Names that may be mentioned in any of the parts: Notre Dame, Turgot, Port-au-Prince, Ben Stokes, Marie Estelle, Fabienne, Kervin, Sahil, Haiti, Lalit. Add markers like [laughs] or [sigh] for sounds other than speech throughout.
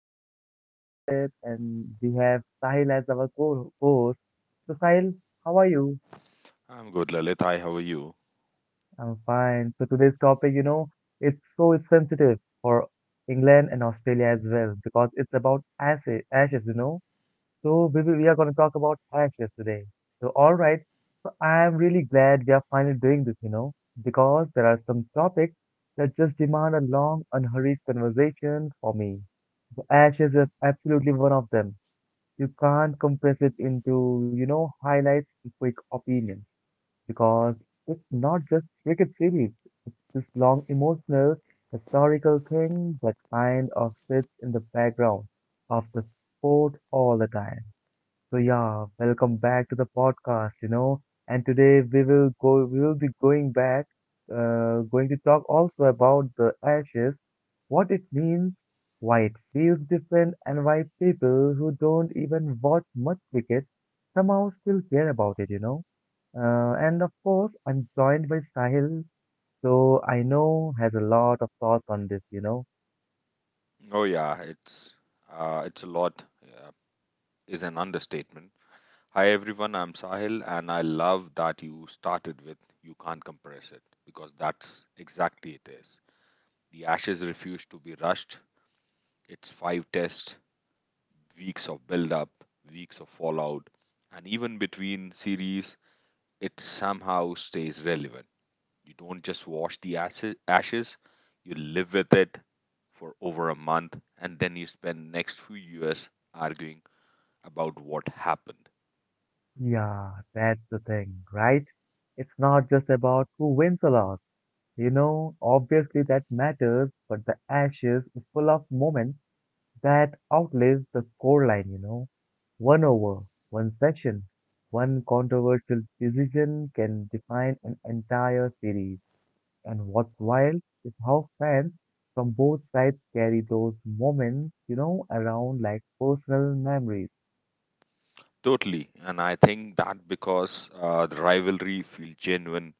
I'm your lovely host, Lalit, and we have Sahil as our co host. So, Sahil, how are you? I'm good, Lalit. Hi, how are you? I'm fine. So, today's topic, it's so sensitive for England and Australia as well because it's about ashes, ashes, So, we are going to talk about ashes today. So, all right. So, I'm really glad we are finally doing this, because there are some topics that just demand a long, unhurried conversation for me. Absolutely one of them. You can't compress it into, highlights and quick opinions because it's not just cricket series. This long emotional, historical thing that kind of sits in the background of the sport all the time. So yeah, welcome back to the podcast. And today we will be going to talk also about the ashes, what it means, why it feels different and why people who don't even watch much cricket somehow still care about it. And of course I'm joined by Sahil, so I know has a lot of thoughts on this. Oh yeah, it's a lot is an understatement. Hi everyone, I'm Sahil, and I love that you started with "You can't compress it" because that's exactly it is. The ashes refuse to be rushed. It's five tests, weeks of build up, weeks of fallout, and even between series, it somehow stays relevant. You don't just wash the ashes, you live with it for over a month and then you spend next few years arguing about what happened. Yeah, that's the thing, right? It's not just about who wins or loses. You know, obviously that matters, but the Ashes is full of moments that outlive the scoreline. One over, one session, one controversial decision can define an entire series. And what's wild is how fans from both sides carry those moments, around like personal memories. Totally, and I think that because the rivalry feels genuinely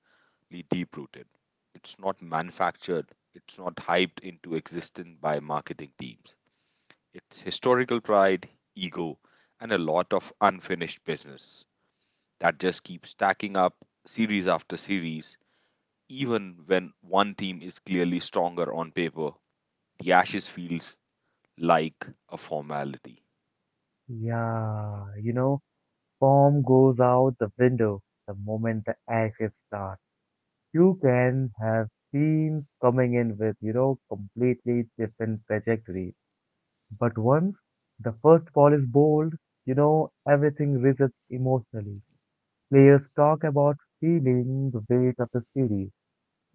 deep rooted. It's not manufactured, it's not hyped into existence by marketing teams. It's historical pride, ego, and a lot of unfinished business that just keeps stacking up series after series. Even when one team is clearly stronger on paper, the Ashes feels like a formality. Yeah, Form goes out the window the moment the ashes start. You can have teams coming in with, completely different trajectories. But once the first ball is bowled, everything resets emotionally. Players talk about feeling the weight of the series,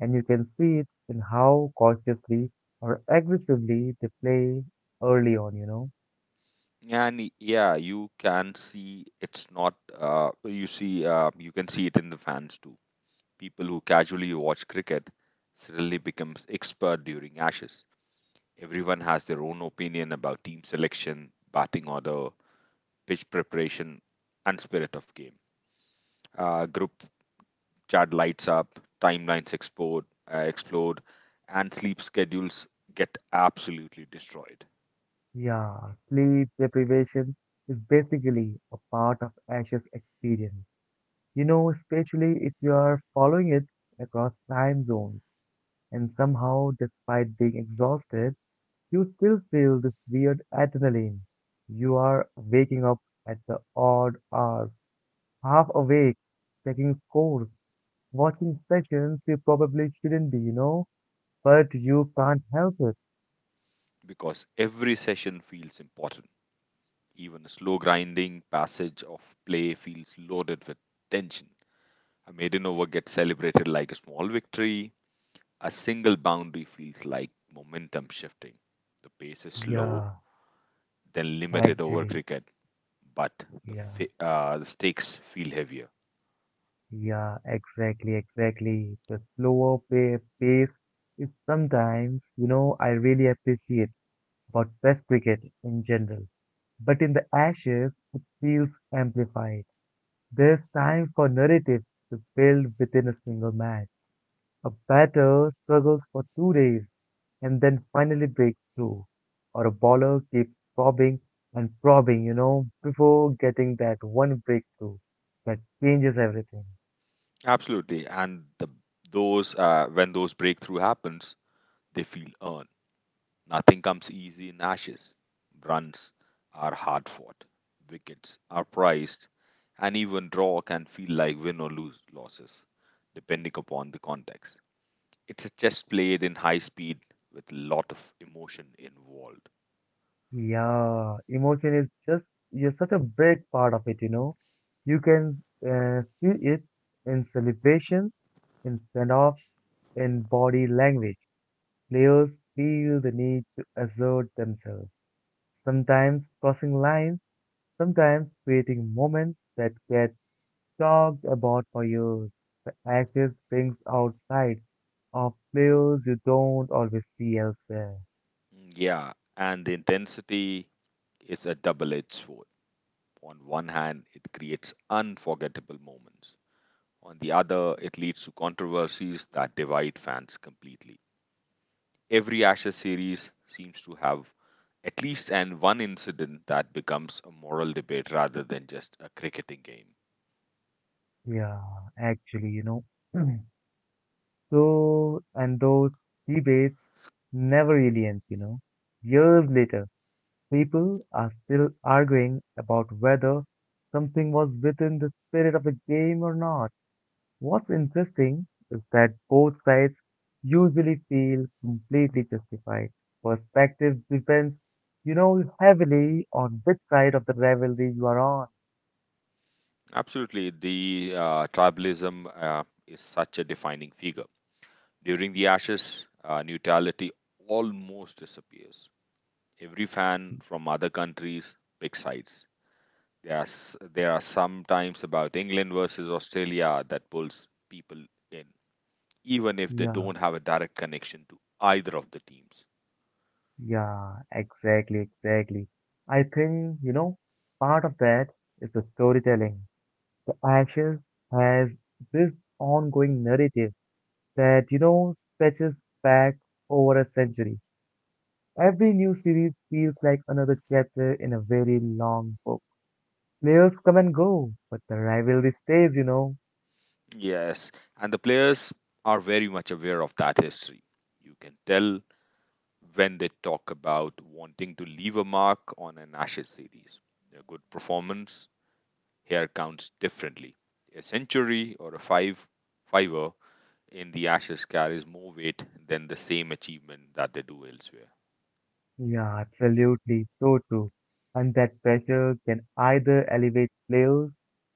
and you can see it in how cautiously or aggressively they play early on. Yeah, you can see it's not. You see, you can see it in the fans too. People who casually watch cricket suddenly becomes expert during Ashes. Everyone has their own opinion about team selection, batting order, pitch preparation, and spirit of game. Group chat lights up, timelines explode, uh, explode, and sleep schedules get absolutely destroyed Yeah, sleep deprivation is basically a part of Ash's experience. You know, especially if you are following it across time zones, and somehow, despite being exhausted, you still feel this weird adrenaline. You are waking up at the odd hours, half awake, checking scores, watching sessions you probably shouldn't be, but you can't help it. because every session feels important. Even a slow grinding passage of play feels loaded with tension. A maiden over gets celebrated like a small victory. A single boundary feels like momentum shifting. The pace is slow, Yeah, then limited over actually, cricket, but the, yeah. fa- uh, the stakes feel heavier. Yeah, exactly, exactly. The slower pace is sometimes, I really appreciate about Test cricket in general. But in the Ashes, it feels amplified. There's time for narratives to build within a single match. A batter struggles for 2 days and then finally breaks through, or a bowler keeps probing and probing, before getting that one breakthrough that changes everything. Absolutely. And the, those when those breakthrough happens, they feel earned. Nothing comes easy in ashes. Runs are hard fought. Wickets are prized, and even draw can feel like win or lose losses, depending upon the context. It's a chess played in high speed with a lot of emotion involved. Yeah, emotion is just you're such a big part of it, you know. You can see it in celebrations, in send-offs, in body language. Players feel the need to assert themselves, sometimes crossing lines, sometimes creating moments that get talked about for years. The ashes brings out sides of players you don't always see elsewhere. Yeah, and the intensity is a double-edged sword. On one hand, it creates unforgettable moments. On the other, it leads to controversies that divide fans completely. Every Ashes series seems to have at least and one incident that becomes a moral debate rather than just a cricketing game. Yeah, actually, know. [clears throat] So, and those debates never really ends. Years later, people are still arguing about whether something was within the spirit of the game or not. What's interesting is that both sides usually feel completely justified. Perspective depends, heavily on which side of the rivalry you are on. Absolutely, the tribalism is such a defining figure. During the Ashes, neutrality almost disappears. Every fan from other countries picks sides. There are some times about England versus Australia that pulls people in, even if they Yeah. don't have a direct connection to either of the teams. Yeah, exactly, exactly. I think, part of that is the storytelling. The Ashes has this ongoing narrative that, stretches back over a century. Every new series feels like another chapter in a very long book. Players come and go, but the rivalry stays. Yes, and the players are very much aware of that history. You can tell when they talk about wanting to leave a mark on an Ashes series. A good performance here counts differently. A century or a five fiver in the Ashes carries more weight than the same achievement that they do elsewhere. Yeah, absolutely, so true. And that pressure can either elevate players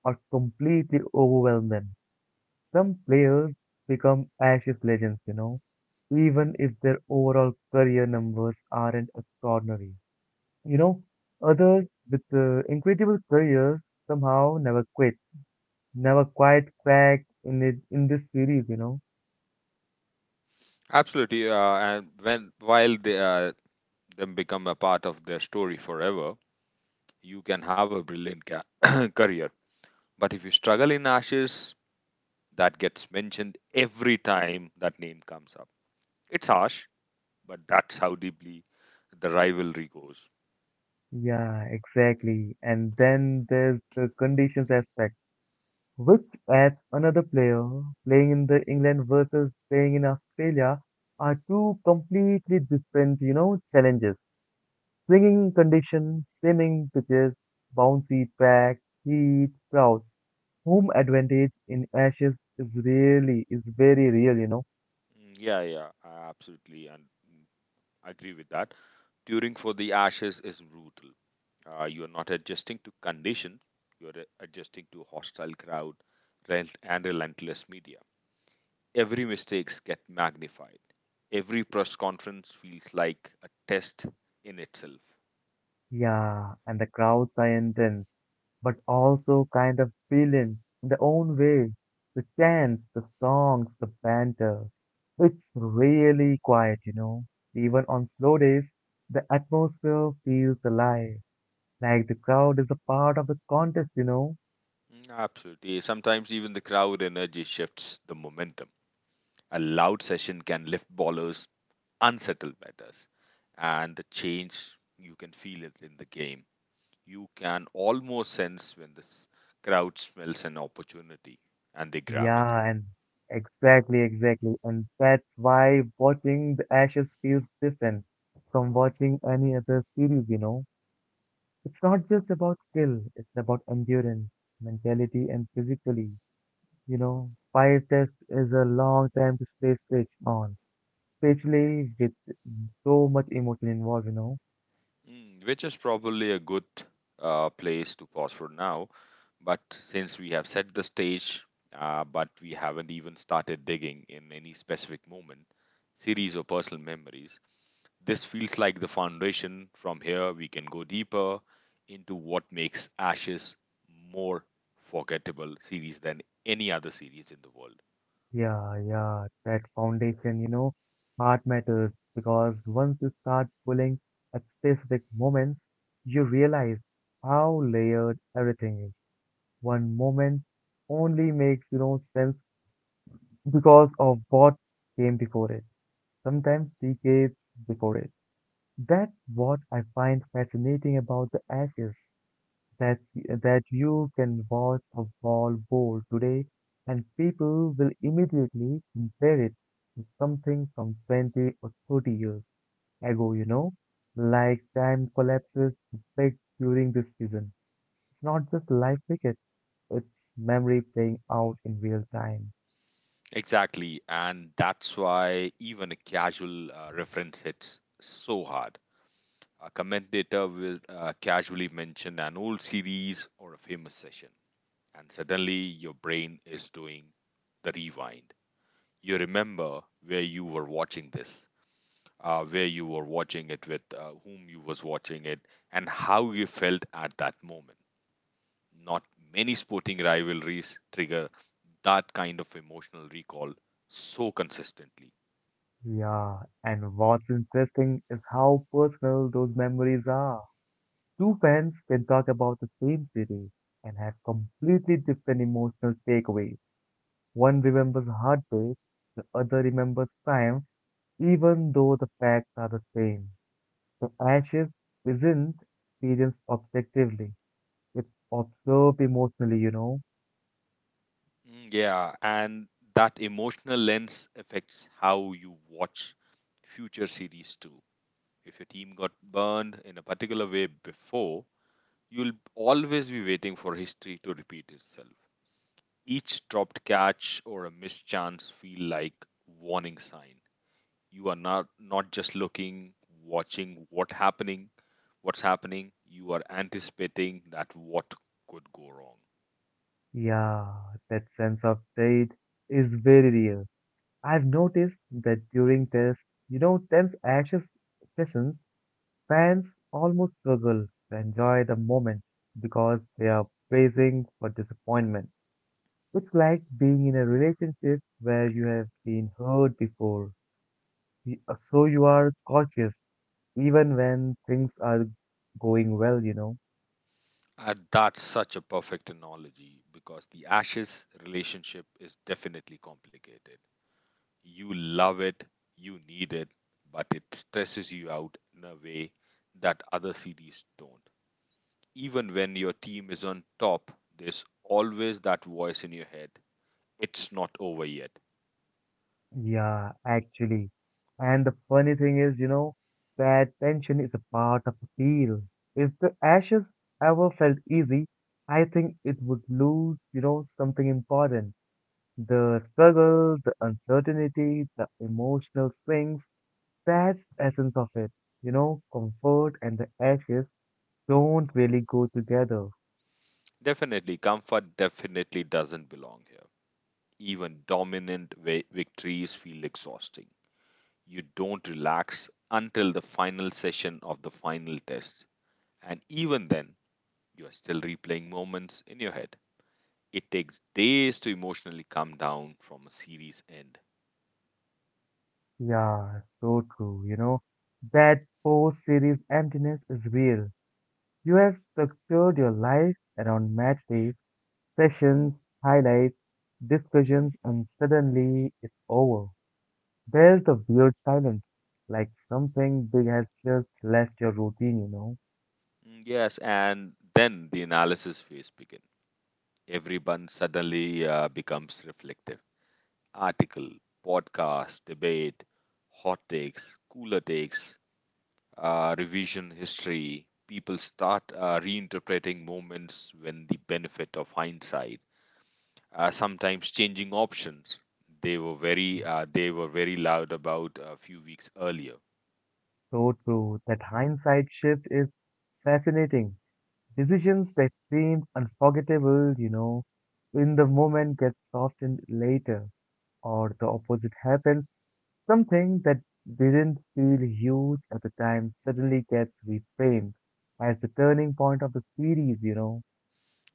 or completely overwhelm them. Some players become Ashes legends, even if their overall career numbers aren't extraordinary. You know, others with incredible careers somehow never quit, never quite cracked in it in this series. Absolutely, and when while they them become a part of their story forever, you can have a brilliant [coughs] [clears throat] career. But if you struggle in ashes, that gets mentioned every time that name comes up. It's harsh, but that's how deeply the rivalry goes. Yeah, exactly. And then there's the conditions aspect, which adds another player. Playing in the England versus playing in Australia are two completely different, challenges. Swinging conditions, slimming pitches, bouncy pack, heat, crowds. Home advantage in Ashes is really, is very real. Yeah, yeah, I absolutely agree with that. Touring for the ashes is brutal. You are not adjusting to conditions, you are adjusting to hostile crowd and relentless media. Every mistakes get magnified. Every press conference feels like a test in itself. Yeah, and the crowds are intense, but also kind of brilliant in their own way. The chants, the songs, the banter. It's really quiet. Even on slow days, the atmosphere feels alive, like the crowd is a part of the contest. Absolutely. Sometimes even the crowd energy shifts the momentum. A loud session can lift ballers, unsettle batters, and the change you can feel it in the game. You can almost sense when this crowd smells an opportunity and they grab it. Yeah, and exactly, exactly. And that's why watching The Ashes feels different from watching any other series. It's not just about skill, it's about endurance, mentality, and physically. You know, fire test is a long time to stay switched on, especially with so much emotion involved. Which is probably a good place to pause for now. But since we have set the stage, but we haven't even started digging in any specific moment, series or personal memories, this feels like the foundation. From here, we can go deeper into what makes Ashes more forgettable series than any other series in the world. Yeah, yeah, that foundation, heart matters because once you start pulling at specific moments, you realize how layered everything is. One moment only makes, sense because of what came before it, sometimes decades before it. That's what I find fascinating about the ashes that you can watch a wall bowl today and people will immediately compare it to something from 20 or 30 years ago, like time collapses a bit during this season. It's not just live cricket, it's memory playing out in real time. Exactly, and that's why even a casual reference hits so hard. A commentator will casually mention an old series or a famous session, and suddenly your brain is doing the rewind. You remember where you were watching this, where you were watching it with, whom you was watching it, and how you felt at that moment. Not many sporting rivalries trigger that kind of emotional recall so consistently. Yeah, and what's interesting is how personal those memories are. Two fans can talk about the same series and have completely different emotional takeaways. One remembers heartbreak, the other remembers triumph, even though the facts are the same. So ashes isn't experienced objectively. It's observed emotionally. Yeah, and that emotional lens affects how you watch future series too. If your team got burned in a particular way before, you'll always be waiting for history to repeat itself. Each dropped catch or a missed chance feel like warning sign. You are not not just looking, watching what happening, what's happening. You are anticipating that what could go wrong. Yeah, that sense of dread is very real. I've noticed that during tests, tense ashes sessions, Fans almost struggle to enjoy the moment because they are bracing for disappointment. It's like being in a relationship where you have been hurt before, so you are cautious even when things are going well. And that's such a perfect analogy because the ashes relationship is definitely complicated. You love it, you need it, but it stresses you out in a way that other series don't. Even when your team is on top, there's always that voice in your head it's not over yet. Yeah, actually. And the funny thing is, that tension is a part of appeal. If the ashes ever felt easy, I think it would lose, something important. The struggle, the uncertainty, the emotional swings, that's the essence of it. You know, comfort and the ashes don't really go together. Definitely, comfort definitely doesn't belong here. Even dominant victories feel exhausting. You don't relax until the final session of the final test. And even then, you are still replaying moments in your head. It takes days to emotionally come down from a series end. Yeah, so true, That post series emptiness is real. You have structured your life around match days, sessions, highlights, discussions, and suddenly it's over. There's the weird silence, like something big has just left your routine. Yes, and then the analysis phase begins. Everyone suddenly becomes reflective. Article, podcast, debate, hot takes, cooler takes, revision history. People start reinterpreting moments when the benefit of hindsight sometimes changing options. They were very loud about a few weeks earlier, So true. That hindsight shift is fascinating. Decisions that seemed unforgettable, in the moment get softened later, or the opposite happens. Something that didn't feel huge at the time suddenly gets reframed as the turning point of the series.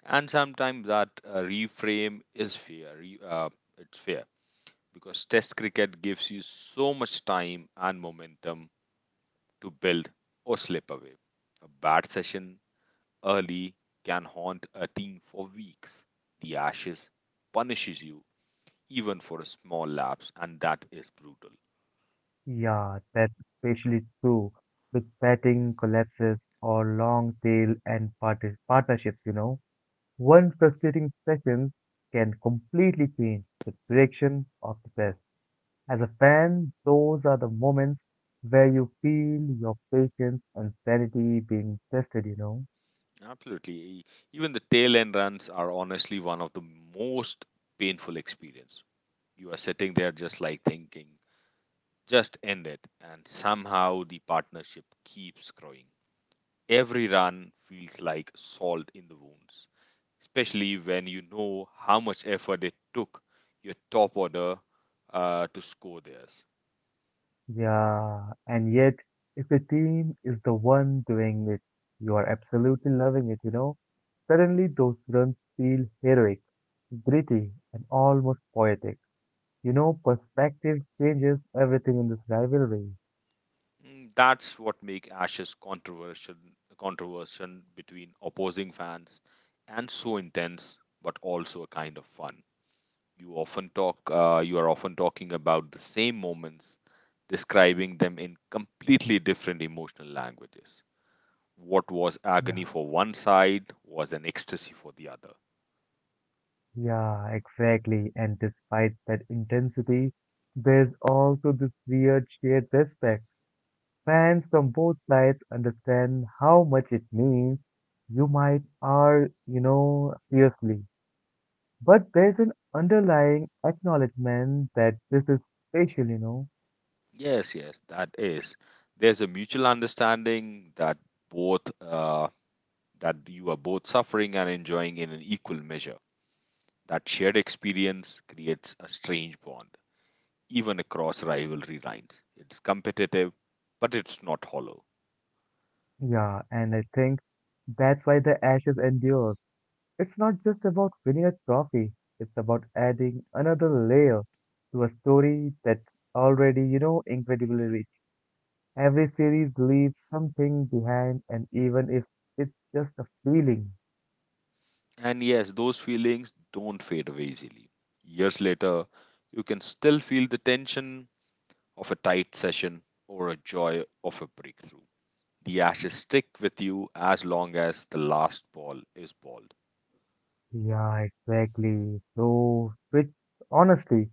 and sometimes that reframe is fair. It's fair because Test cricket gives you so much time and momentum to build or slip away. A bad session early can haunt a team for weeks. The Ashes punishes you even for a small lapse, and that is brutal. Yeah, that's especially true with betting collapses or long tail and parti partnerships, One frustrating session can completely change the direction of the best. As a fan, those are the moments where you feel your patience and sanity being tested, you know? Absolutely. Even the tail end runs are honestly one of the most painful experience. You are sitting there just like thinking, just end it, and somehow the partnership keeps growing. Every run feels like salt in the wounds, especially when you know how much effort it took your top order to score theirs. Yeah, and yet, if the team is the one doing it, you are absolutely loving it, you know? Suddenly, those runs feel heroic, gritty, and almost poetic. You know, perspective changes everything in this rivalry. That's what make Ash's controversial between opposing fans and so intense, but also a kind of fun. You are often talking about the same moments, describing them in completely different emotional languages. What was agony Yeah. for one side was an ecstasy for the other. Yeah, exactly. And despite that intensity, there's also this weird shared respect. Fans from both sides understand how much it means. You might are, fiercely. But there's an underlying acknowledgement that this is special. Yes, yes, that is. There's a mutual understanding that both that you are both suffering and enjoying in an equal measure. That shared experience creates a strange bond, even across rivalry lines. It's competitive, but it's not hollow. Yeah, and I think that's why the ashes endure. It's not just about winning a trophy, it's about adding another layer to a story that's already, incredibly rich. Every series leaves something behind, and even if it's just a feeling. And yes, those feelings don't fade away easily. Years later, you can still feel the tension of a tight session or a joy of a breakthrough. The ashes stick with you as long as the last ball is balled. Yeah, exactly. So, which honestly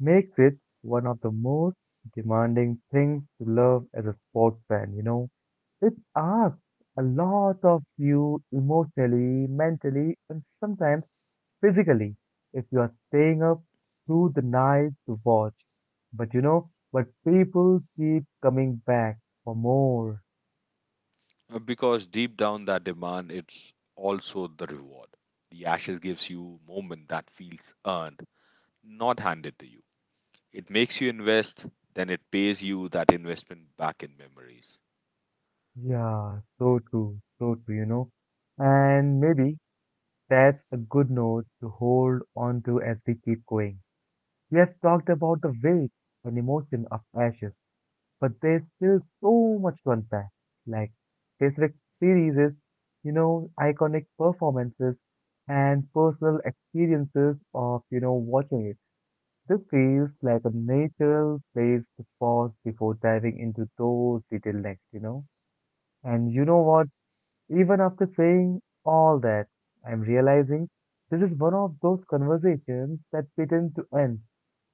makes it one of the most demanding things to love as a sports fan. It asks a lot of you emotionally, mentally, and sometimes physically if you are staying up through the night to watch. But you know, but people keep coming back for more. Because deep down that demand, it's also the reward. The ashes gives you moment that feels earned, not handed to you. It makes you invest, then it pays you that investment back in memories. Yeah, so true, And maybe that's a good note to hold on to as we keep going. We have talked about the weight and emotion of ashes but there's still so much to unpack. Like his rich series, is, iconic performances and personal experiences of, watching it. This feels like a natural place to pause before diving into those detailed next. And you know what? Even after saying all that, I'm realizing this is one of those conversations that pretend to end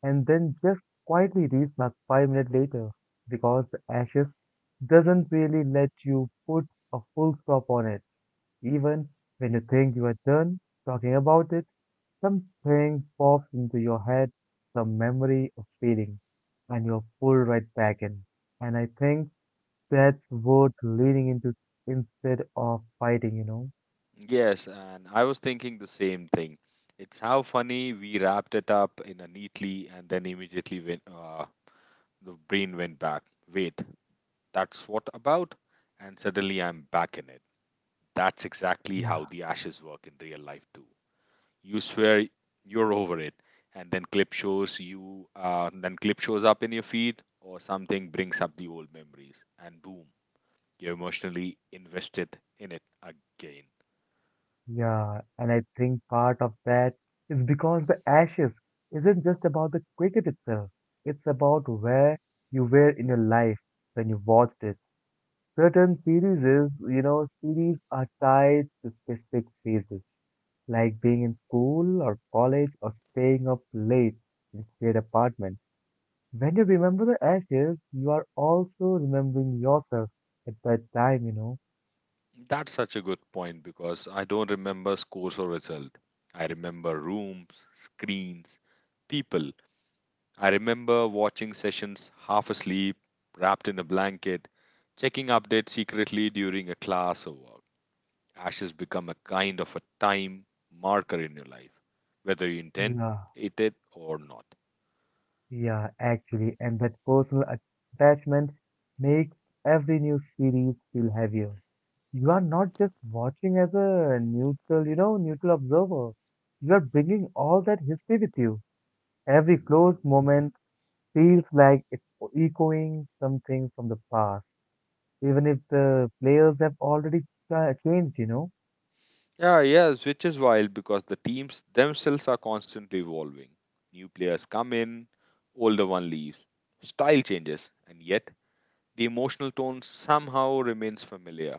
and then just quietly restart 5 minutes later because the ashes doesn't really let you put a full stop on it. Even when you think you are done talking about it, something pops into your head, some memory or feeling, and you're pulled right back in. And I think that's worth leaning into instead of fighting, you know? Yes, and I was thinking the same thing. It's how funny we wrapped it up in a neatly and then immediately went, the brain went back. Wait, that's what about? And suddenly I'm back in it. That's exactly Yeah, how the ashes work in real life too. You swear you're over it, and then then clip shows up in your feed, or something brings up the old memories, and boom, you're emotionally invested in it again. yeah. And I think part of that is because the Ashes isn't just about the cricket itself. It's about where you were in your life when you watched it. Certain series, is, you know, series are tied to specific phases, like being in school or college or staying up late in shared apartment. When you remember the ashes, you are also remembering yourself at that time, you know. That's such a good point because I don't remember scores or result. I remember rooms, screens, people. I remember watching sessions half asleep, wrapped in a blanket, checking updates secretly during a class or work. Ashes become a kind of a time marker in your life, whether you intend Yeah, it or not. yeah, actually, and that personal attachment makes every new series feel heavier. You are not just watching as a neutral observer. You are bringing all that history with you. Every close moment feels like it's echoing something from the past, even if the players have already changed, you know. Yeah, yes, which is wild because the teams themselves are constantly evolving. New players come in, older one leaves. Style changes, and yet the emotional tone somehow remains familiar.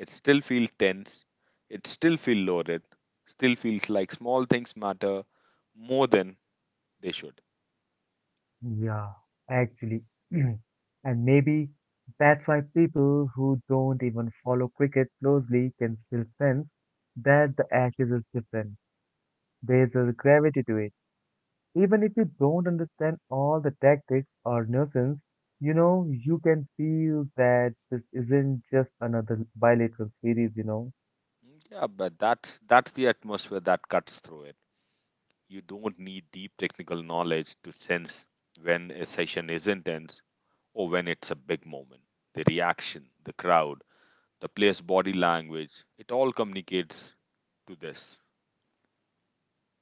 It still feels tense, it still feels loaded, still feels like small things matter more than they should. Yeah, actually. [clears throat] And maybe that's why people who don't even follow cricket closely can still sense that the Ashes is different. There's a gravity to it. Even if you don't understand all the tactics or nuances, you know, you can feel that this isn't just another bilateral series, you know. Yeah, but that's the atmosphere that cuts through it. You don't need deep technical knowledge to sense when a session is intense or when it's a big moment. The reaction, the crowd, the player's body language, it all communicates to this.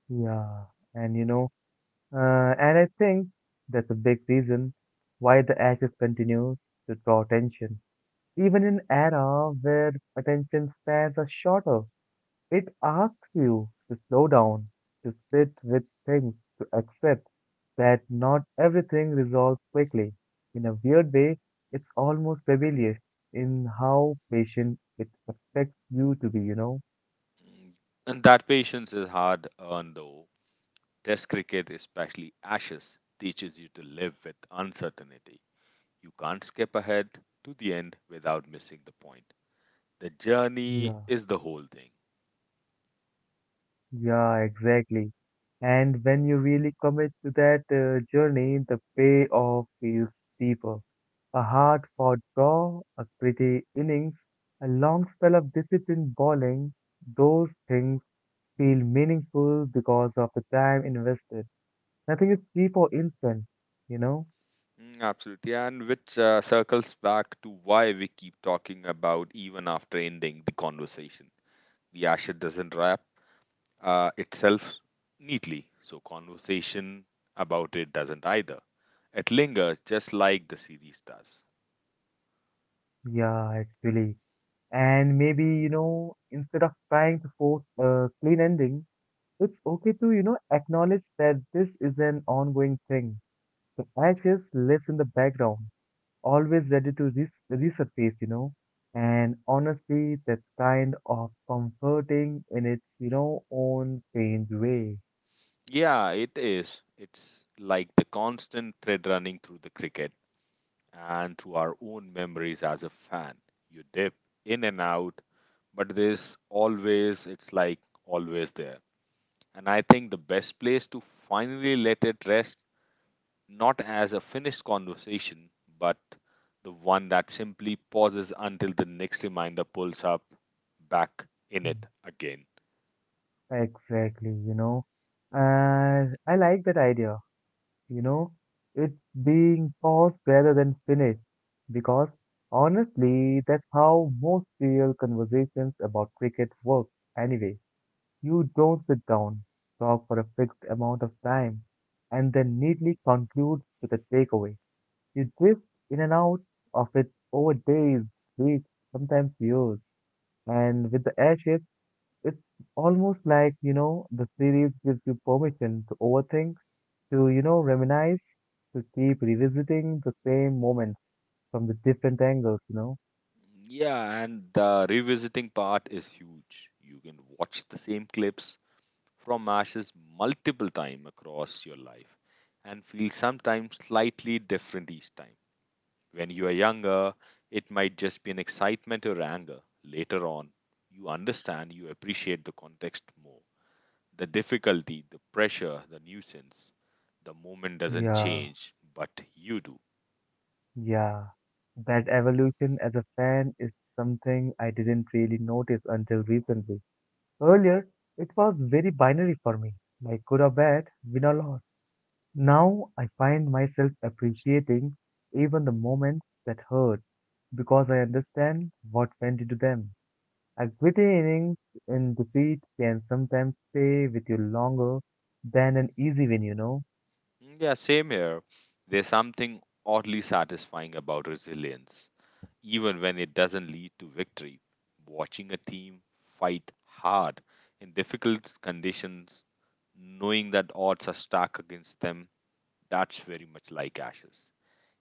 Yeah, and you know, uh, and I think that's a big reason why the Ashes continues to draw attention. Even in era where attention spans are shorter, it asks you to slow down, to sit with things, to accept that not everything resolves quickly. In a weird way, it's almost rebellious in how patient it expects you to be, you know? Mm, And that patience is hard earned though. Test cricket, especially Ashes, teaches you to live with uncertainty. You can't skip ahead to the end without missing the point. The journey Yeah. is the whole thing. Yeah, exactly. And when you really commit to that journey, the payoff feels deeper. A hard-fought draw, a pretty innings, a long spell of disciplined bowling, those things feel meaningful because of the time invested. Nothing is cheap or instant, you know? Absolutely, and which circles back to why we keep talking about even after ending the conversation. The Ashes doesn't wrap itself neatly, so conversation about it doesn't either. It lingers just like the series does. Yeah, actually. And maybe, you know, instead of trying to force a clean ending, it's okay to, you know, acknowledge that this is an ongoing thing. The ashes lives in the background, always ready to resurface, you know. And honestly, that's kind of comforting in its, you know, own strange way. Yeah, it is. It's like the constant thread running through the cricket and through our own memories as a fan. You dip in and out, but there's always, it's like always there. And I think the best place to finally let it rest not as a finished conversation, but the one that simply pauses until the next reminder pulls up back in Mm. it again. Exactly, you know. And I like that idea, you know. It's being paused rather than finished. Because honestly, that's how most real conversations about cricket work, anyway. You don't sit down, talk for a fixed amount of time, and then neatly conclude with a takeaway. You drift in and out of it over days, weeks, sometimes years. And with the airship, it's almost like, you know, the series gives you permission to overthink, to, you know, reminisce, to keep revisiting the same moments from the different angles, you know? Yeah, and the revisiting part is huge. You can watch the same clips from Ashes multiple times across your life and feel sometimes slightly different each time. When you are younger, it might just be an excitement or anger. Later on, you understand, you appreciate the context more. The difficulty, the pressure, the nuisance, the moment doesn't Yeah. change, but you do. Yeah, that evolution as a fan is something I didn't really notice until recently. Earlier, it was very binary for me, like good or bad, win or loss. Now I find myself appreciating even the moments that hurt because I understand what went into them. A gritty innings in defeat can sometimes stay with you longer than an easy win, you know? Mm. Yeah, same here. There's something oddly satisfying about resilience, even when it doesn't lead to victory. Watching a team fight hard in difficult conditions, knowing that odds are stacked against them, that's very much like ashes.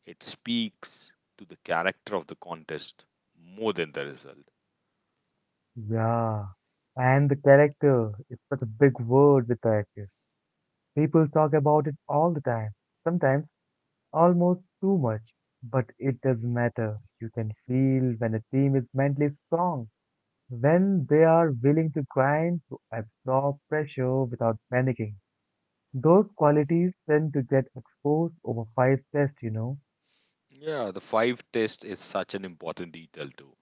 It speaks to the character of the contest more than the result. Yeah. And the character is such a big word with that. People talk about it all the time, sometimes almost too much. But it doesn't matter. You can feel when a team is mentally strong, when they are willing to grind to absorb pressure without panicking. Those qualities tend to get exposed over five tests, you know. Yeah, the five test is such an important detail too.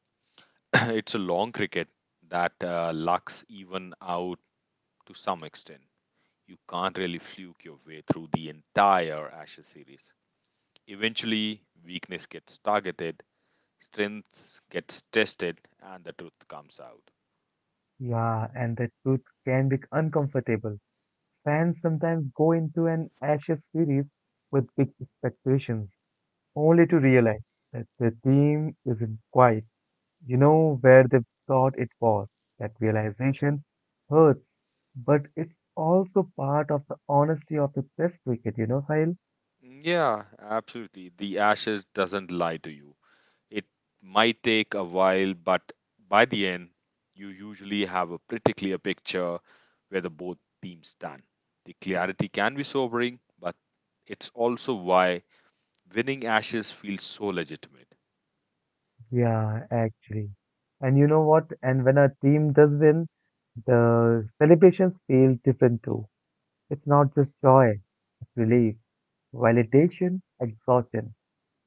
[clears throat] It's a long cricket that lucks even out to some extent. You can't really fluke your way through the entire Ashes series. Eventually, weakness gets targeted, strength gets tested, and the truth comes out. Yeah, and the truth can be uncomfortable. Fans sometimes go into an anxious series with big expectations, only to realize that the team isn't quite. You know where they thought it was. That realization hurts, but it's also part of the honesty of the test cricket, you know, Sahil? Yeah, absolutely. The Ashes doesn't lie to you. It might take a while, but by the end, you usually have a pretty clear picture where the both teams stand. The clarity can be sobering, but it's also why winning Ashes feels so legitimate. Yeah, actually. And you know what? And when a team does win, the celebrations feel different too. It's not just joy, it's relief, validation, exhaustion.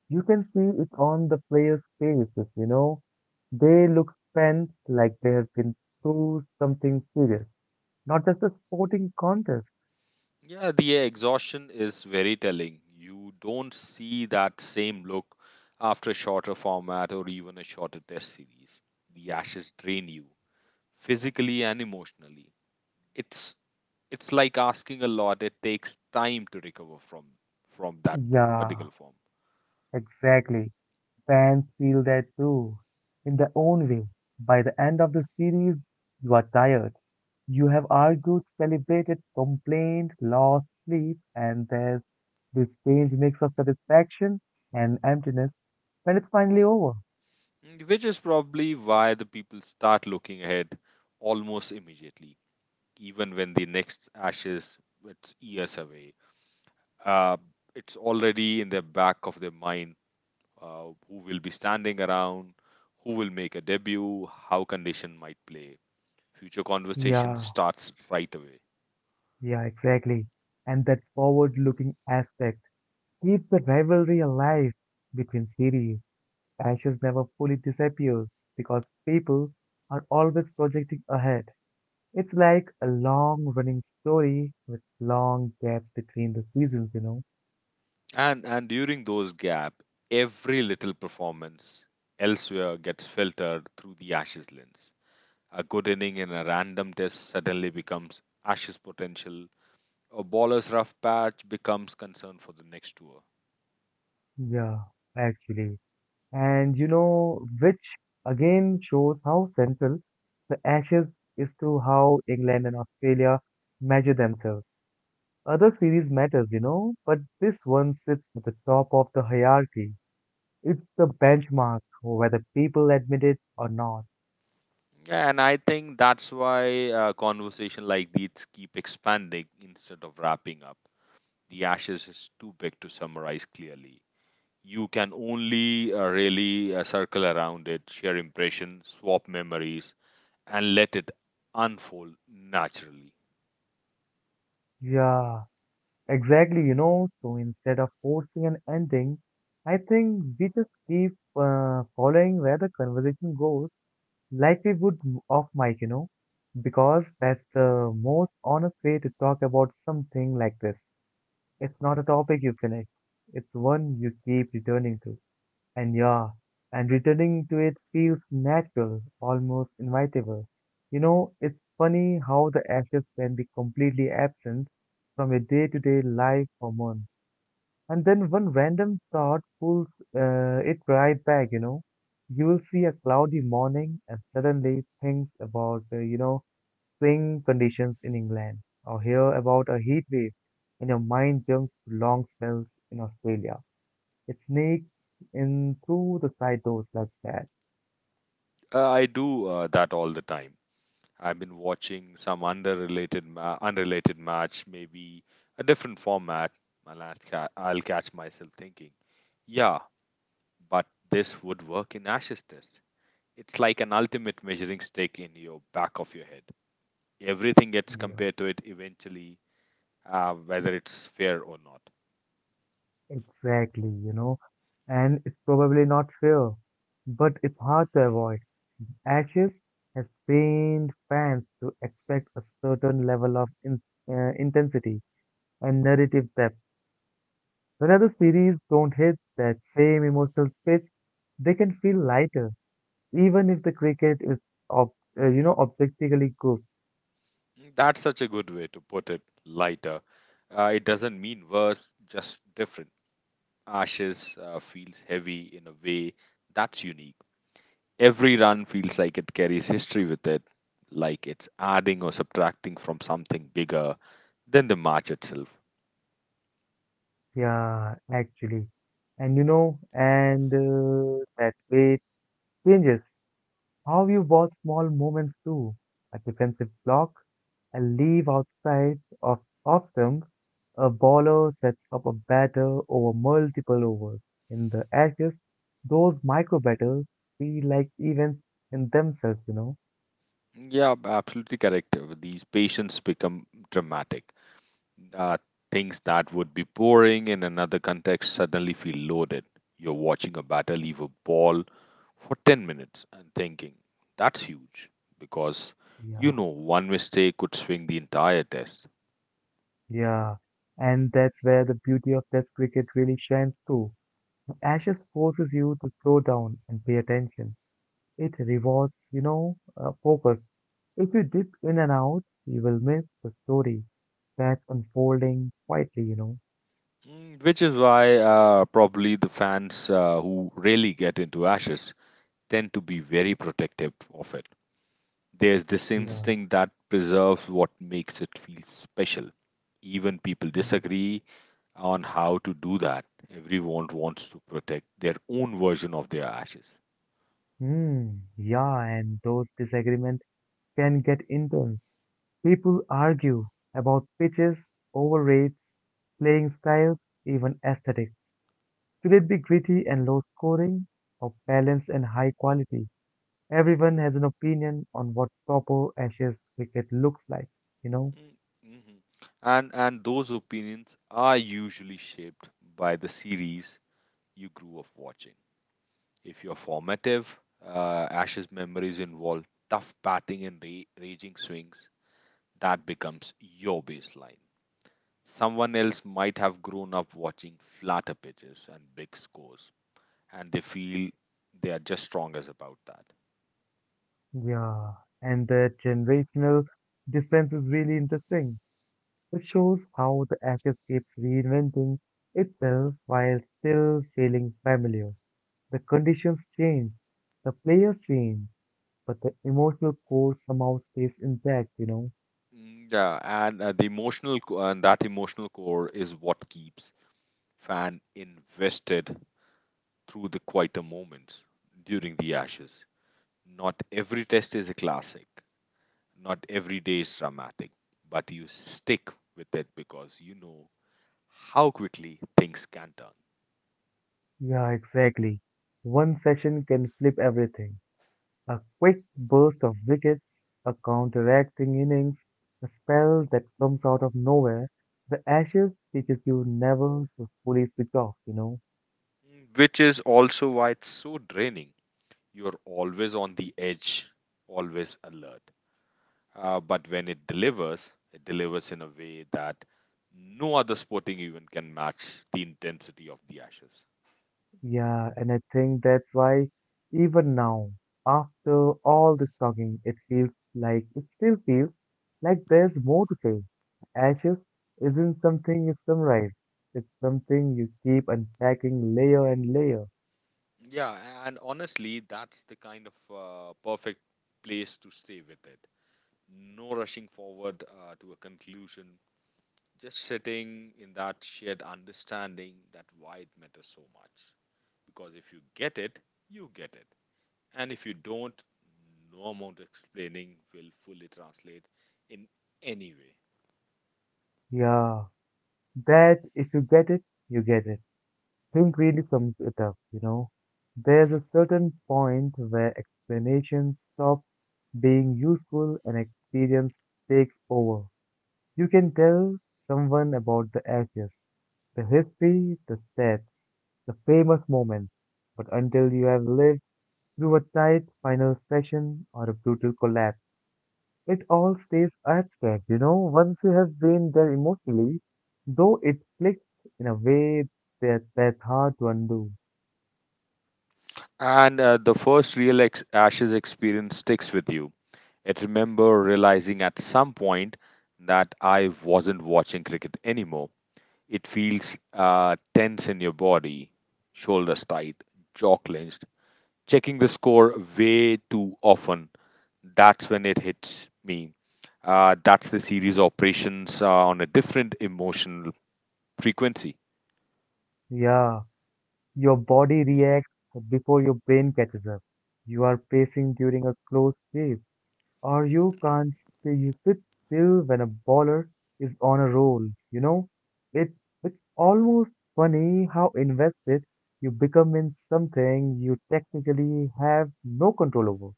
You can see it on the players' faces, you know. They look spent like they have been through something serious, not just a sporting contest. Yeah, the exhaustion is very telling. You don't see that same look after a shorter format or even a shorter test series. The Ashes drain you physically and emotionally. It's it's like asking a lot. It takes time to recover from that Yeah, particular form. exactly. Fans feel that too, in their own way. By the end of the series, you are tired. You have argued, celebrated, complained, lost sleep, and there's this strange mix of satisfaction and emptiness when it's finally over. Mm, which is probably why the people start looking ahead almost immediately even when the next ashes it's years away, uh, it's already in the back of their mind, who will be standing around, who will make a debut, how condition might play. Future conversation Yeah, starts right away. yeah, exactly. And that forward-looking aspect keeps the rivalry alive between series. Ashes never fully disappears because people are always projecting ahead. It's like a long running story with long gaps between the seasons, you know? And during those gap, every little performance elsewhere gets filtered through the Ashes lens. A good inning in a random test suddenly becomes Ashes potential. A bowler's rough patch becomes concern for the next tour. Yeah, actually. And you know, which again shows how central the Ashes is to how England and Australia measure themselves. Other series matters, you know, but this one sits at the top of the hierarchy. It's the benchmark, whether people admit it or not. And I think that's why conversation like these keep expanding instead of wrapping up. The Ashes is too big to summarize clearly. You can only really circle around it, share impressions, swap memories, and let it unfold naturally. Yeah. Exactly, you know, so instead of forcing an ending, I think we just keep following where the conversation goes, like we would off mic, you know, because that's the most honest way to talk about something like this. It's not a topic you finish, it's one you keep returning to. And yeah, and returning to it feels natural, almost inevitable. You know, it's funny how the ashes can be completely absent from your day to day life for months and then one random thought pulls it right back, you know. You will see a cloudy morning and suddenly things about, you know, swing conditions in England or hear about a heat wave and your mind jumps to long spells in Australia. It sneaks in through the side doors like that. I do that all the time. I've been watching some unrelated match, maybe a different format, and I'll catch myself thinking, yeah, but this would work in Ashes Test. It's like an ultimate measuring stick in your back of your head. Everything gets Yeah, compared to it eventually, whether it's fair or not. exactly, you know. And it's probably not fair, but it's hard to avoid. Ashes has trained fans to expect a certain level of intensity and narrative depth. When other series don't hit that same emotional pitch, they can feel lighter, even if the cricket is, ob- you know, objectively good. Mm. That's such a good way to put it, lighter. It doesn't mean worse, just different. Ashes feels heavy in a way that's unique. Every run feels like it carries history with it, like it's adding or subtracting from something bigger than the match itself. Yeah, actually, and you know, and that way it changes. How you watch small moments too, a defensive block, a leave of them, a bowler sets up a batter over multiple overs. In the ashes, those micro battles feel like events in themselves, you know? Yeah, absolutely correct. These patients become dramatic. Uh, Things that would be boring in another context suddenly feel loaded. You're watching a batter leave a ball for 10 minutes and thinking, that's huge, because Yeah, you know one mistake could swing the entire test. yeah. And that's where the beauty of Test cricket really shines through. Ashes forces you to slow down and pay attention. It rewards, you know, focus. If you dip in and out, you will miss the story that's unfolding quietly, you know. Mm. Which is why probably the fans who really get into Ashes tend to be very protective of it. There's this Yeah. instinct that preserves what makes it feel special. Even people disagree on how to do that. Everyone wants to protect their own version of their Ashes. Hmm. Yeah, and those disagreements can get intense. People argue about pitches, over rates, playing styles, even aesthetics. Should it be gritty and low scoring, or balanced and high quality? Everyone has an opinion on what proper Ashes cricket looks like, you know. Mm, mhm. And those opinions are usually shaped by the series you grew up watching. If you're formative, Ash's memories involve tough batting and raging swings. That becomes your baseline. Someone else might have grown up watching flatter pitches and big scores, and they feel they are just strongest about that. Yeah, and that generational difference is really interesting. It shows how the ashes keeps reinventing itself while still feeling familiar. The conditions change, the players change, but the emotional core somehow stays intact, you know? Mm. Yeah, and that emotional core is what keeps fan invested through the quieter moments during the Ashes. Not every test is a classic. Not every day is dramatic, but you stick with it because you know how quickly things can turn. Yeah, exactly. One session can flip everything. A quick burst of wickets, a counteracting innings, a spell that comes out of nowhere. The Ashes teaches you never to fully switch off, you know? Mm. Which is also why it's so draining. You're always on the edge, always alert. But when it delivers in a way that no other sporting event can match the intensity of the Ashes. Yeah, and I think that's why even now, after all this talking, it still feels like there's more to say. Ashes isn't something you summarize. It's something you keep unpacking layer and layer. Yeah, and honestly, that's the kind of perfect place to stay with it. No rushing forward to a conclusion. Just sitting in that shared understanding that why it matters so much. Because if you get it, you get it. And if you don't, no amount of explaining will fully translate in any way. Yeah, that if you get it, you get it. Think really sums it up, you know. There's a certain point where explanations stop being useful and experience takes over. You can tell someone about the ashes, the history, the stats, the famous moments, but until you have lived through a tight final session or a brutal collapse, it all stays abstract, you know. Once you have been there emotionally, though it clicks in a way that's hard to undo. And the first real ashes experience sticks with you. I remember realizing at some point that I wasn't watching cricket anymore. It feels tense in your body, shoulders tight, jaw clenched, checking the score way too often. That's when it hits me. That's the series operations on a different emotional frequency. Yeah. Your body reacts before your brain catches up. You are pacing during a close race, or you can't stay, you sit still when a baller is on a roll. You know, it it's almost funny how invested you become in something you technically have no control over,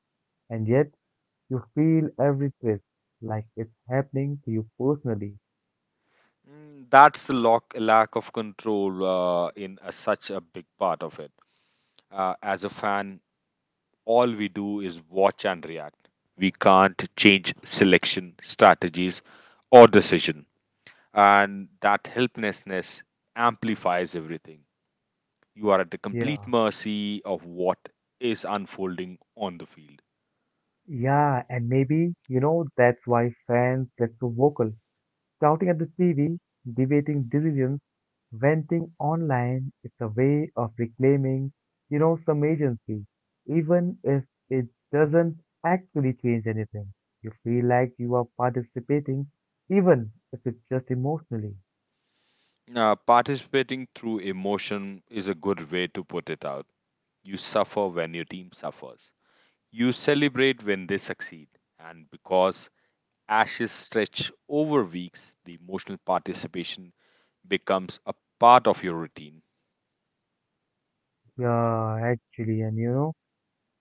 and yet you feel every twist like it's happening to you personally. Mm. That's the lock, lack of control in a, such a big part of it. As a fan, all we do is watch and react. We can't change selection, strategies, or decision. And that helplessness amplifies everything. You are at the complete Yeah. mercy of what is unfolding on the field. Yeah, and maybe, you know, that's why fans get so vocal. Shouting at the TV, debating decisions, venting online, it's a way of reclaiming, you know, some agency. Even if it doesn't actually change anything, you feel like you are participating, even if it's just emotionally. Participating through emotion is a good way to put it out. You suffer when your team suffers. You celebrate when they succeed. And because ashes stretch over weeks, the emotional participation becomes a part of your routine. Yeah, actually, and you know,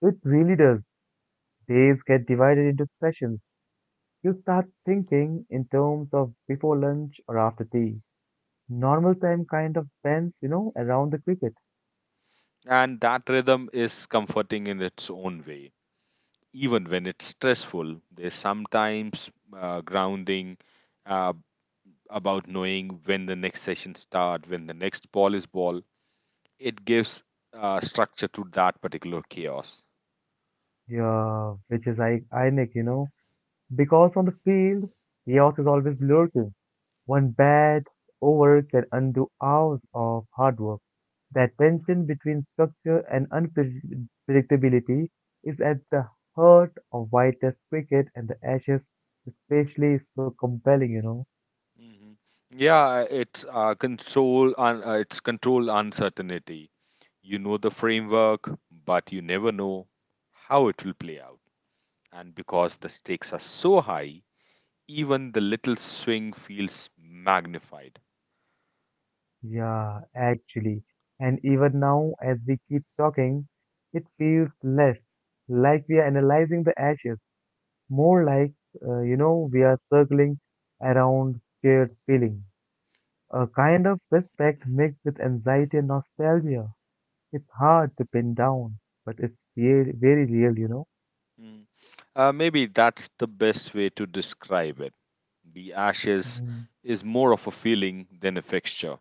it really does. Days get divided into sessions. You start thinking in terms of before lunch or after tea. Normal time kind of bends, you know, around the cricket. And that rhythm is comforting in its own way. Even when it's stressful, there's sometimes grounding, uh, about knowing when the next session start, when the next ball is ball. It gives structure to that particular chaos. Yeah, which is like ironic, you know, because on the field, chaos is always lurking. One bad over can undo hours of hard work. That tension between structure and unpredictability is at the heart of why Test cricket and the Ashes especially is so compelling, you know. Mhm. Yeah, it's it's control uncertainty. You know the framework, but you never know how it will play out. And because the stakes are so high, even the little swing feels magnified. Yeah, actually. And even now, as we keep talking, it feels less like we are analyzing the Ashes. More like, you know, we are circling around shared feeling, a kind of respect mixed with anxiety and nostalgia. It's hard to pin down, but it's very, very real, you know. Mm. Maybe that's the best way to describe it. The ashes Mm, is more of a feeling than a fixture.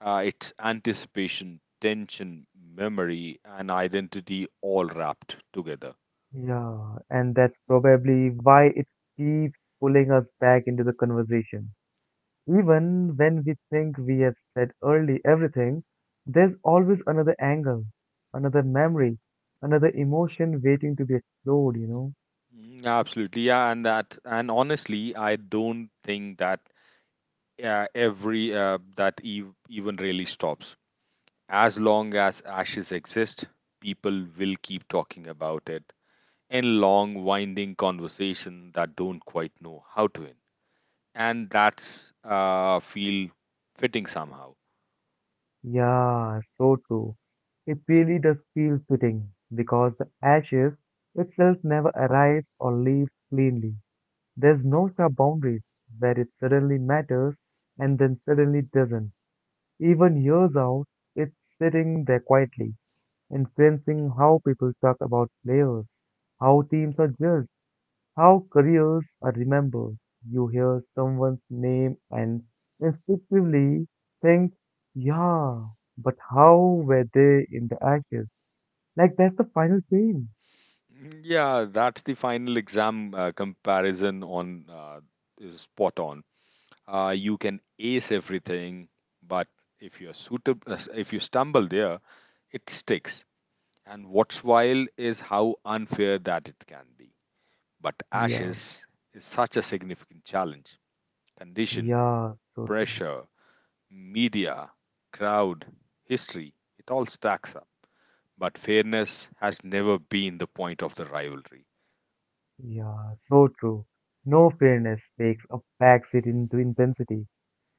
It's anticipation, tension, memory, and identity all wrapped together. yeah, and that's probably why it keeps pulling us back into the conversation. Even when we think we have said early everything, there's always another angle, another memory, another emotion waiting to be explored. Mm. Absolutely, yeah, and that, and honestly, I don't think that even really stops. As long as ashes exist, people will keep talking about it in long, winding conversation that don't quite know how to end. And that's feel fitting somehow. Yeah, so true. It really does feel fitting because the ashes itself never arrives or leaves cleanly. There's no sharp boundaries where it suddenly matters and then suddenly doesn't. Even years out, it's sitting there quietly, influencing how people talk about players, how teams are judged, how careers are remembered. You hear someone's name and instinctively think, yeah, but how were they in the ashes? Like that's the final scene. Yeah, that's the final exam comparison on is spot on. You can ace everything, but if you're suitable, if you stumble there, it sticks. And what's wild is how unfair that it can be. But Yeah, ashes is such a significant challenge. Condition, yeah, so true. pressure, media, crowd, history, it all stacks up. But fairness has never been the point of the rivalry. Yeah, so true. No, fairness takes a backseat into intensity.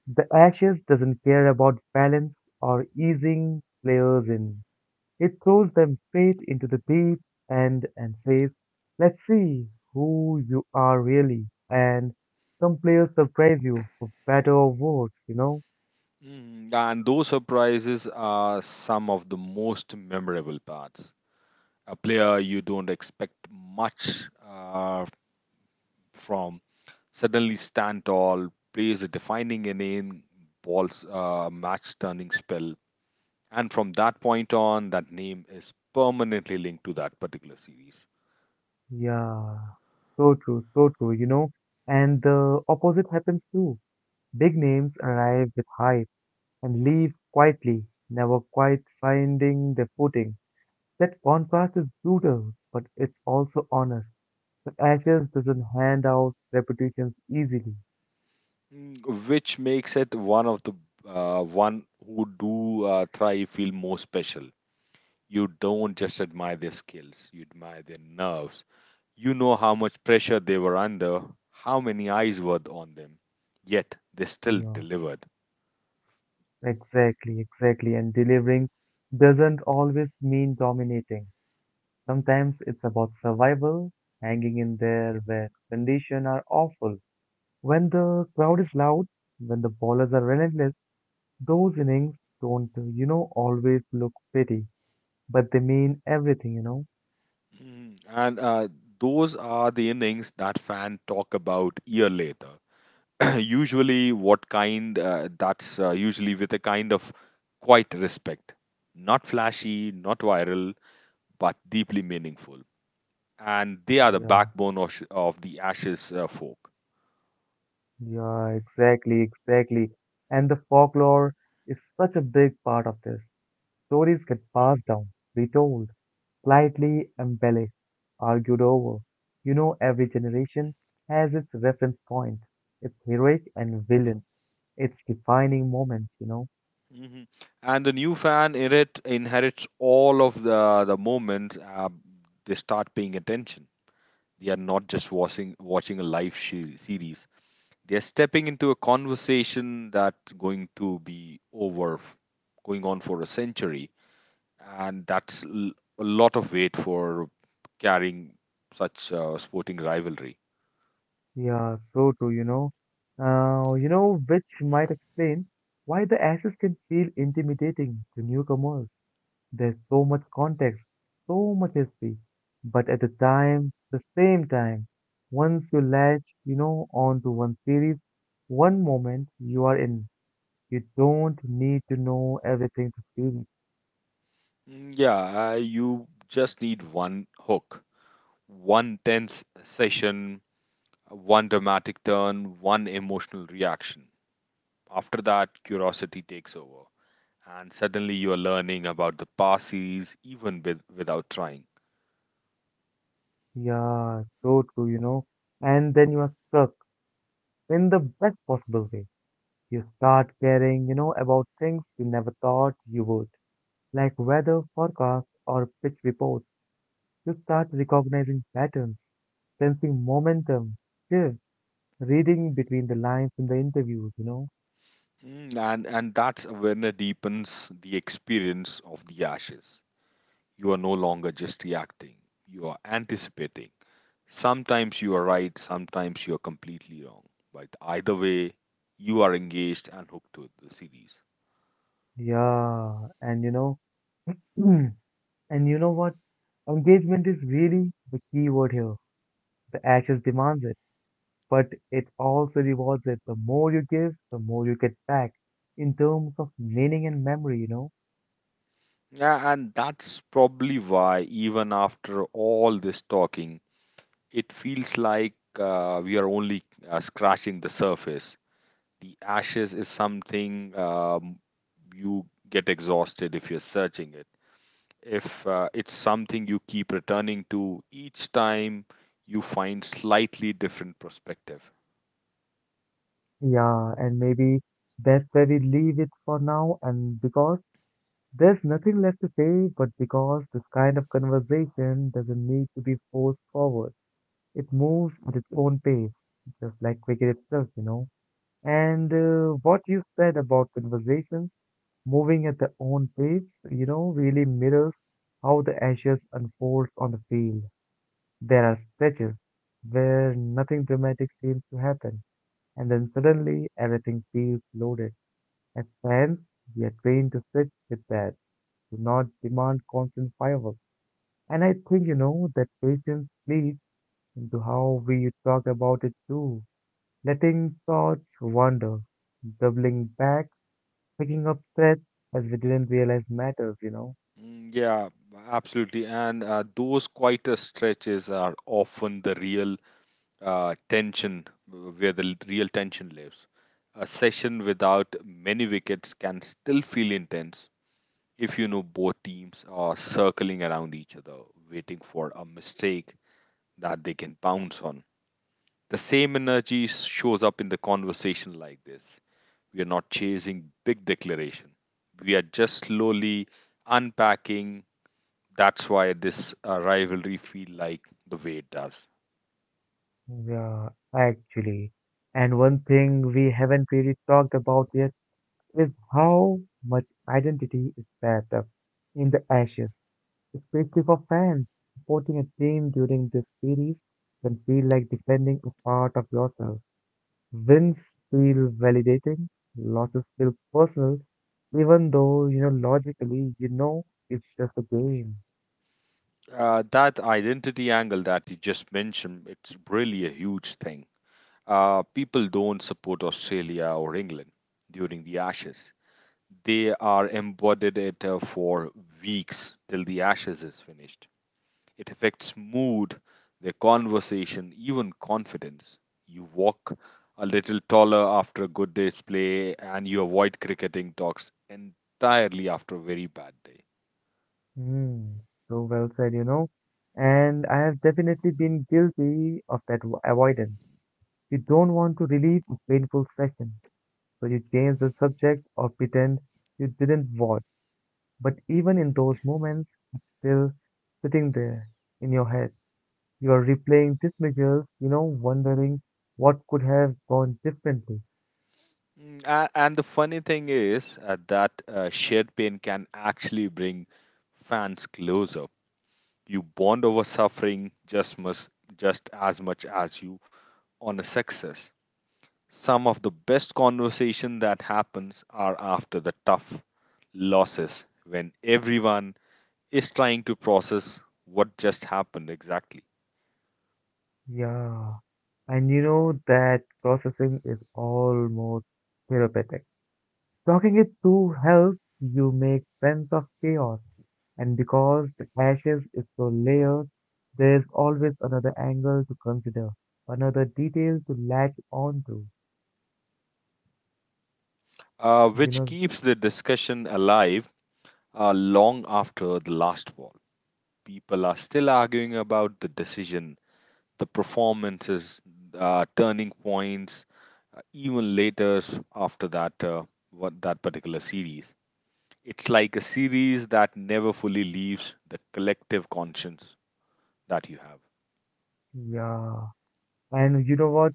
The Ashes doesn't care about balance or easing players in. It throws them straight into the deep end and says, let's see who you are really. And some players surprise you for better or worse, you know? Mm. And those surprises are some of the most memorable parts. A player you don't expect much from suddenly stand tall, plays a defining inning, balls match turning spell, and from that point on, that name is permanently linked to that particular series. Yeah, so true, you know? And the opposite happens too. Big names arrive with hype and leave quietly, never quite finding their footing. That contrast is brutal, but it's also honest. The Ashes doesn't hand out reputations easily, Mm, which makes it one of the one who do thrive feel more special. You don't just admire their skills, you admire their nerves. You know how much pressure they were under, how many eyes were on them, yet they you still know. delivered. Exactly, exactly. And delivering doesn't always mean dominating. Sometimes it's about survival, hanging in there where conditions are awful. When the crowd is loud, when the bowlers are relentless, those innings don't always look pretty, but they mean everything, you know? Mm. And those are the innings that fan talk about year later. [clears throat] Usually, what kind? That's Usually with a kind of quiet respect, not flashy, not viral, but deeply meaningful. And they are the Yeah, backbone of the Ashes folk. yeah, exactly, exactly. And the folklore is such a big part of this. Stories get passed down, retold slightly embellished, argued over. You know, every generation has its reference point, its heroic and villain, its defining moments, you know. Hmm. And the new inherits all of the moments they start paying attention. They are not just watching a series. They are stepping into a conversation that's going to be over, f- going on for a century, and a lot of weight for carrying such sporting rivalry. Yeah, so true, you know. Which might explain why the ashes can feel intimidating to newcomers. There's so much context, so much history, but at the time, the same time, once you latch onto one series, one moment you are in. You don't need to know everything to feel, it. Mm. Yeah, you just need one hook, one tense session, one dramatic turn, one emotional reaction. After that, curiosity takes over, and suddenly you are learning about the past series even without trying. Yeah, so true, you know. And then you are stuck in the best possible way. You start caring about things you never thought you would, like weather forecasts or pitch reports. You start recognizing patterns, sensing momentum, shifts, reading between the lines in the interviews. Mm. And that's awareness deepens the experience of the ashes. You are no longer just reacting; you are anticipating. Sometimes you are right, sometimes you are completely wrong. But either way, you are engaged and hooked to the series. Yeah, and you know, [clears throat] and you know what? Engagement is really the key word here. The ashes demands it, but it also rewards it. The more you give, the more you get back in terms of meaning and memory. Yeah, and that's probably why, even after all this talking, it feels like we are only scratching the surface. The ashes is something you get exhausted if you're searching it. If it's something you keep returning to each time you find slightly different perspective. Yeah, and maybe that's where we leave it for now. And because there's nothing left to say, but because this kind of conversation doesn't need to be forced forward, it moves at its own pace, just like cricket itself, you know. And what you said about conversations moving at their own pace really mirrors how the ashes unfolds on the field. There are stretches where nothing dramatic seems to happen, and then suddenly everything feels loaded. As fans, we are trained to sit with that, to not demand constant fireworks. And I think that patience leads into how we talk about it too. Letting thoughts wander, doubling back, picking up threads as we didn't realize matters. Yeah, absolutely. And those quieter stretches are often the real uh, tension, where the real tension lives. A session without many wickets can still feel intense if you know both teams are circling around each other, waiting for a mistake that they can bounce on. The same energy shows up in the conversation like this. We are not chasing big declaration. We are just slowly unpacking. That's why this rivalry feel like the way it does. Yeah, actually. And one thing we haven't really talked about yet is how much identity is wrapped up in the ashes, especially for fans. Supporting a team during this series can feel like defending a part of yourself. Wins feel validating, losses feel personal, even though, you know, logically, you know, it's just a game. That identity angle that you just mentioned, it's really a huge thing. People don't support Australia or England during the Ashes. They are embodied it for weeks till the Ashes is finished. It affects mood, their conversation, even confidence. You walk a little taller after a good day's play, and you avoid cricketing talks entirely after a very bad day. Hmm, so well said, you know. And I have definitely been guilty of that avoidance. You don't want to relive a painful session. So you change the subject or pretend you didn't watch. But even in those moments, still sitting there in your head, you are replaying these miracles, wondering what could have gone differently. And the funny thing is that shared pain can actually bring fans closer. You bond over suffering just as much as you on a success. Some of the best conversation that happens are after the tough losses when everyone is trying to process what just happened exactly, Yeah. And you know that processing is almost therapeutic. Talking it through helps you make sense of chaos, and because the ashes is so layered, there is always another angle to consider, another detail to latch on to. You which know, keeps the discussion alive long after the last war. People are still arguing about the decision, the performances, turning points, even later after that what that particular series. It's like a series that never fully leaves the collective conscience that you have. yeah. And you know what?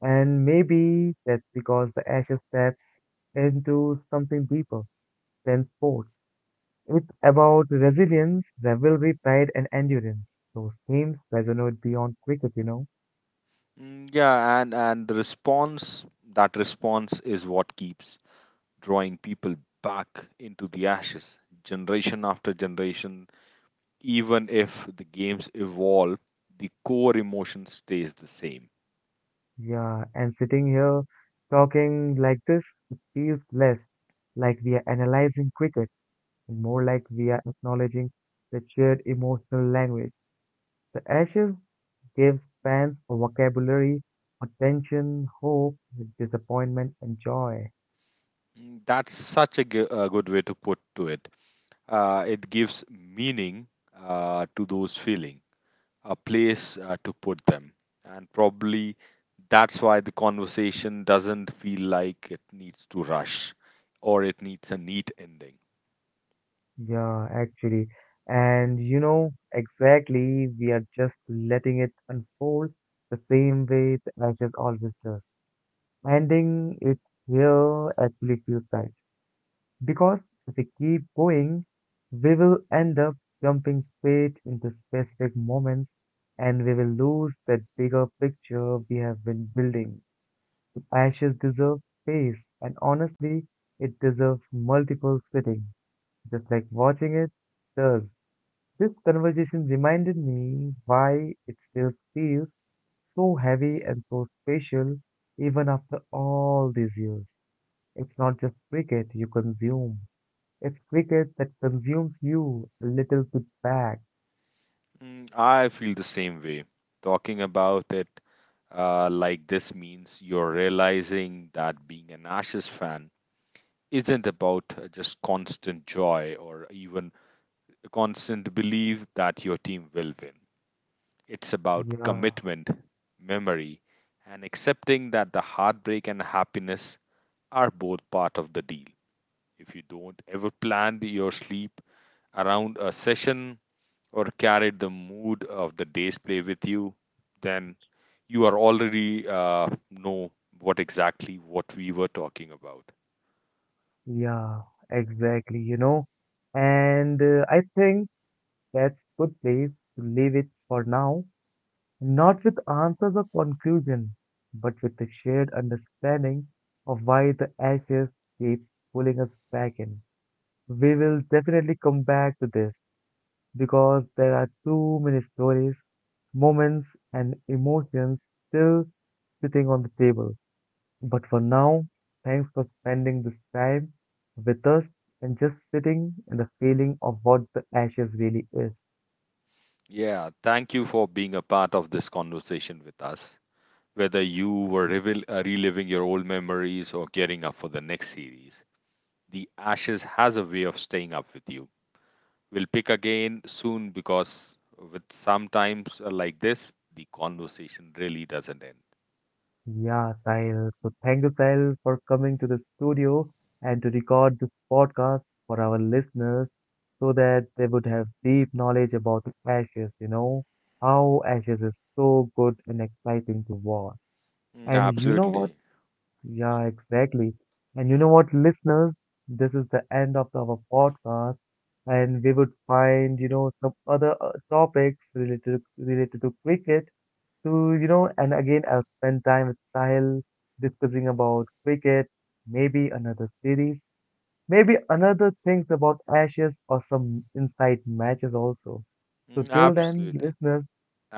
And maybe that's because the ashes taps into something deeper than sports. It's about resilience, rivalry, pride, and endurance. Those themes resonate beyond cricket, you know. Yeah, and the response that response is what keeps drawing people back into the ashes, generation after generation, even if the games evolve, the core emotion stays the same. Yeah, and sitting here talking like this, it feels less like we are analyzing cricket and more like we are acknowledging the shared emotional language. The Ashes gives fans a vocabulary, attention, hope, disappointment, and joy. That's such a good way to put to it. It gives meaning to those feeling, a place to put them, and probably that's why the conversation doesn't feel like it needs to rush or it needs a neat ending. Yeah, actually. And you know, exactly, we are just letting it unfold the same way the Ashes always does. Ending it here actually feels right. Because if we keep going, we will end up jumping straight into specific moments and we will lose that bigger picture we have been building. Ashes deserve space, and honestly, it deserves multiple sittings, just like watching it does. This conversation reminded me why it still feels so heavy and so special even after all these years. It's not just cricket you consume, it's cricket that consumes you a little bit back. I feel the same way. Talking about it like this means you're realizing that being an Ashes fan isn't about just constant joy or even a constant belief that your team will win. It's about Yeah, commitment, memory, and accepting that the heartbreak and happiness are both part of the deal. If you don't ever plan your sleep around a session or carried the mood of the day's play with you, then you are already know what exactly what we were talking about. yeah, exactly, you know. And I think that's good place to leave it for now. Not with answers or conclusion, but with the shared understanding of why the ashes keeps pulling us back in. We will definitely come back to this because there are too many stories, moments, and emotions still sitting on the table. But for now, thanks for spending this time with us and just sitting in the feeling of what the ashes really is. Yeah, thank you for being a part of this conversation with us. Whether you were reliving your old memories or gearing up for the next series, the Ashes has a way of staying up with you. We'll pick again soon because with sometimes like this, the conversation really doesn't end. Yeah, Sahil. So thank you, Sahil, for coming to the studio and to record this podcast for our listeners so that they would have deep knowledge about the ashes, you know, how ashes is so good and exciting to watch. And you know what? Absolutely. Yeah, exactly. And you know what, listeners, this is the end of our podcast, and we would find, you know, some other topics related to cricket and again, I'll spend time with Sahil discussing about cricket, maybe another series, maybe another things about Ashes or some inside matches also. So till then, Absolutely. listeners,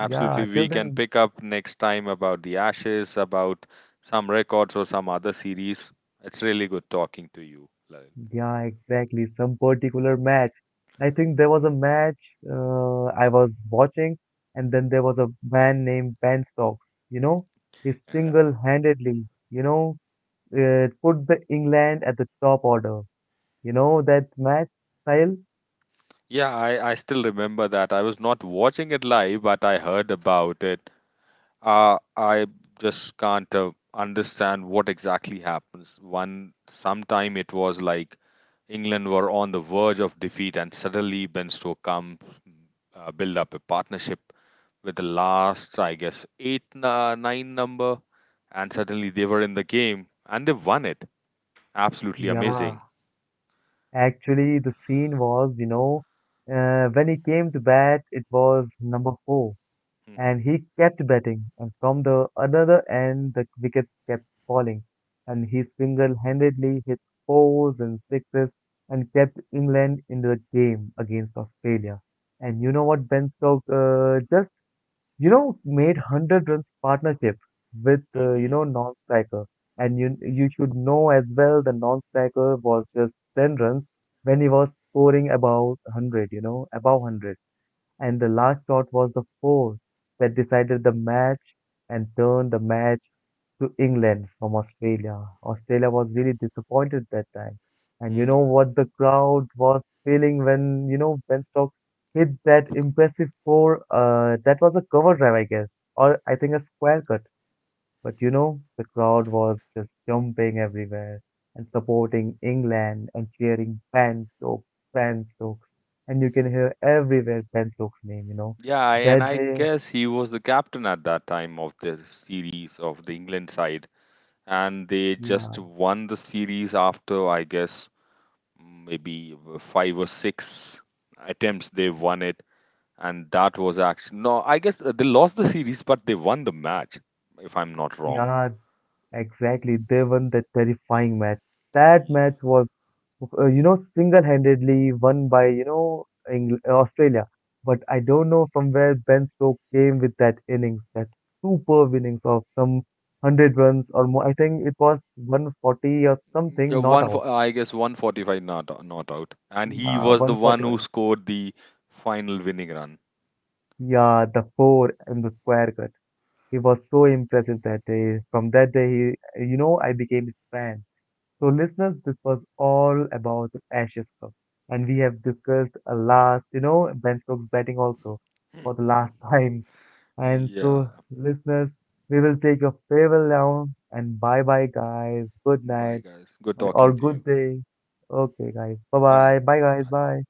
yeah, till We can then, pick up next time about the Ashes, about some records or some other series. It's really good talking to you, Lalil. yeah, exactly. Some particular match. I think there was a match I was watching, and then there was a man named Ben Stokes. You know, he Yeah. single-handedly, you know, put the England at the top order. You know that match style? Yeah, I still remember that. I was not watching it live, but I heard about it. I just can't understand what exactly happens. One, sometime it was like England were on the verge of defeat, and suddenly Ben Stoke comes, build up a partnership with the last, I guess, eight, nine number, and suddenly they were in the game and they won it. Absolutely Yeah, amazing. actually, the scene was, you know, when he came to bat, it was number 4. Hmm. And he kept batting, and from the another end, the wickets kept falling, and he single-handedly hit fours and sixes and kept England in the game against Australia. And you know what, Ben Stokes just you know made 100 runs partnership with you know non-striker, and you should know as well the non-striker was just 10 runs when he was scoring about 100, you know, above 100 and the last shot was the fourth that decided the match and turned the match to England from Australia. Australia was really disappointed that time. And you know Hmm. what the crowd was feeling when, you know, Ben Stokes hit that impressive four. That was a cover drive, I guess, or I think a square cut. But you know, the crowd was just jumping everywhere and supporting England and cheering Ben Stokes, Ben Stokes. And you can hear everywhere Ben Stokes' name, you know. Yeah, I- and That I day, guess he was the captain at that time of the series of the England side, and they just yeah, won the series after I guess maybe five or six attempts they won it, and that was actually no, I guess they lost the series, but they won the match, if I'm not wrong. yeah, exactly. They won that terrifying match. That Yeah. match was single-handedly won by, you know, Australia. But I don't know from where Ben Stokes came with that innings, that superb innings of some 100 runs or more. I think it was 140 or something, The not one out. for I guess 145 not out, and he was the one who 141. scored the final winning run. Yeah, the four and the square cut. He was so impressive that day. From that day, he, you know, I became his fan. So, listeners, this was all about the Ashes Cup, and we have discussed a last, you know, Ben Stokes batting also for the [laughs] last [laughs] time. And Yeah, so, listeners, we will take a farewell now, and bye bye, guys. Good night bye guys. Good or talking to good you. day. Okay, guys. Bye Vale, bye. Bye, guys. vale. Bye.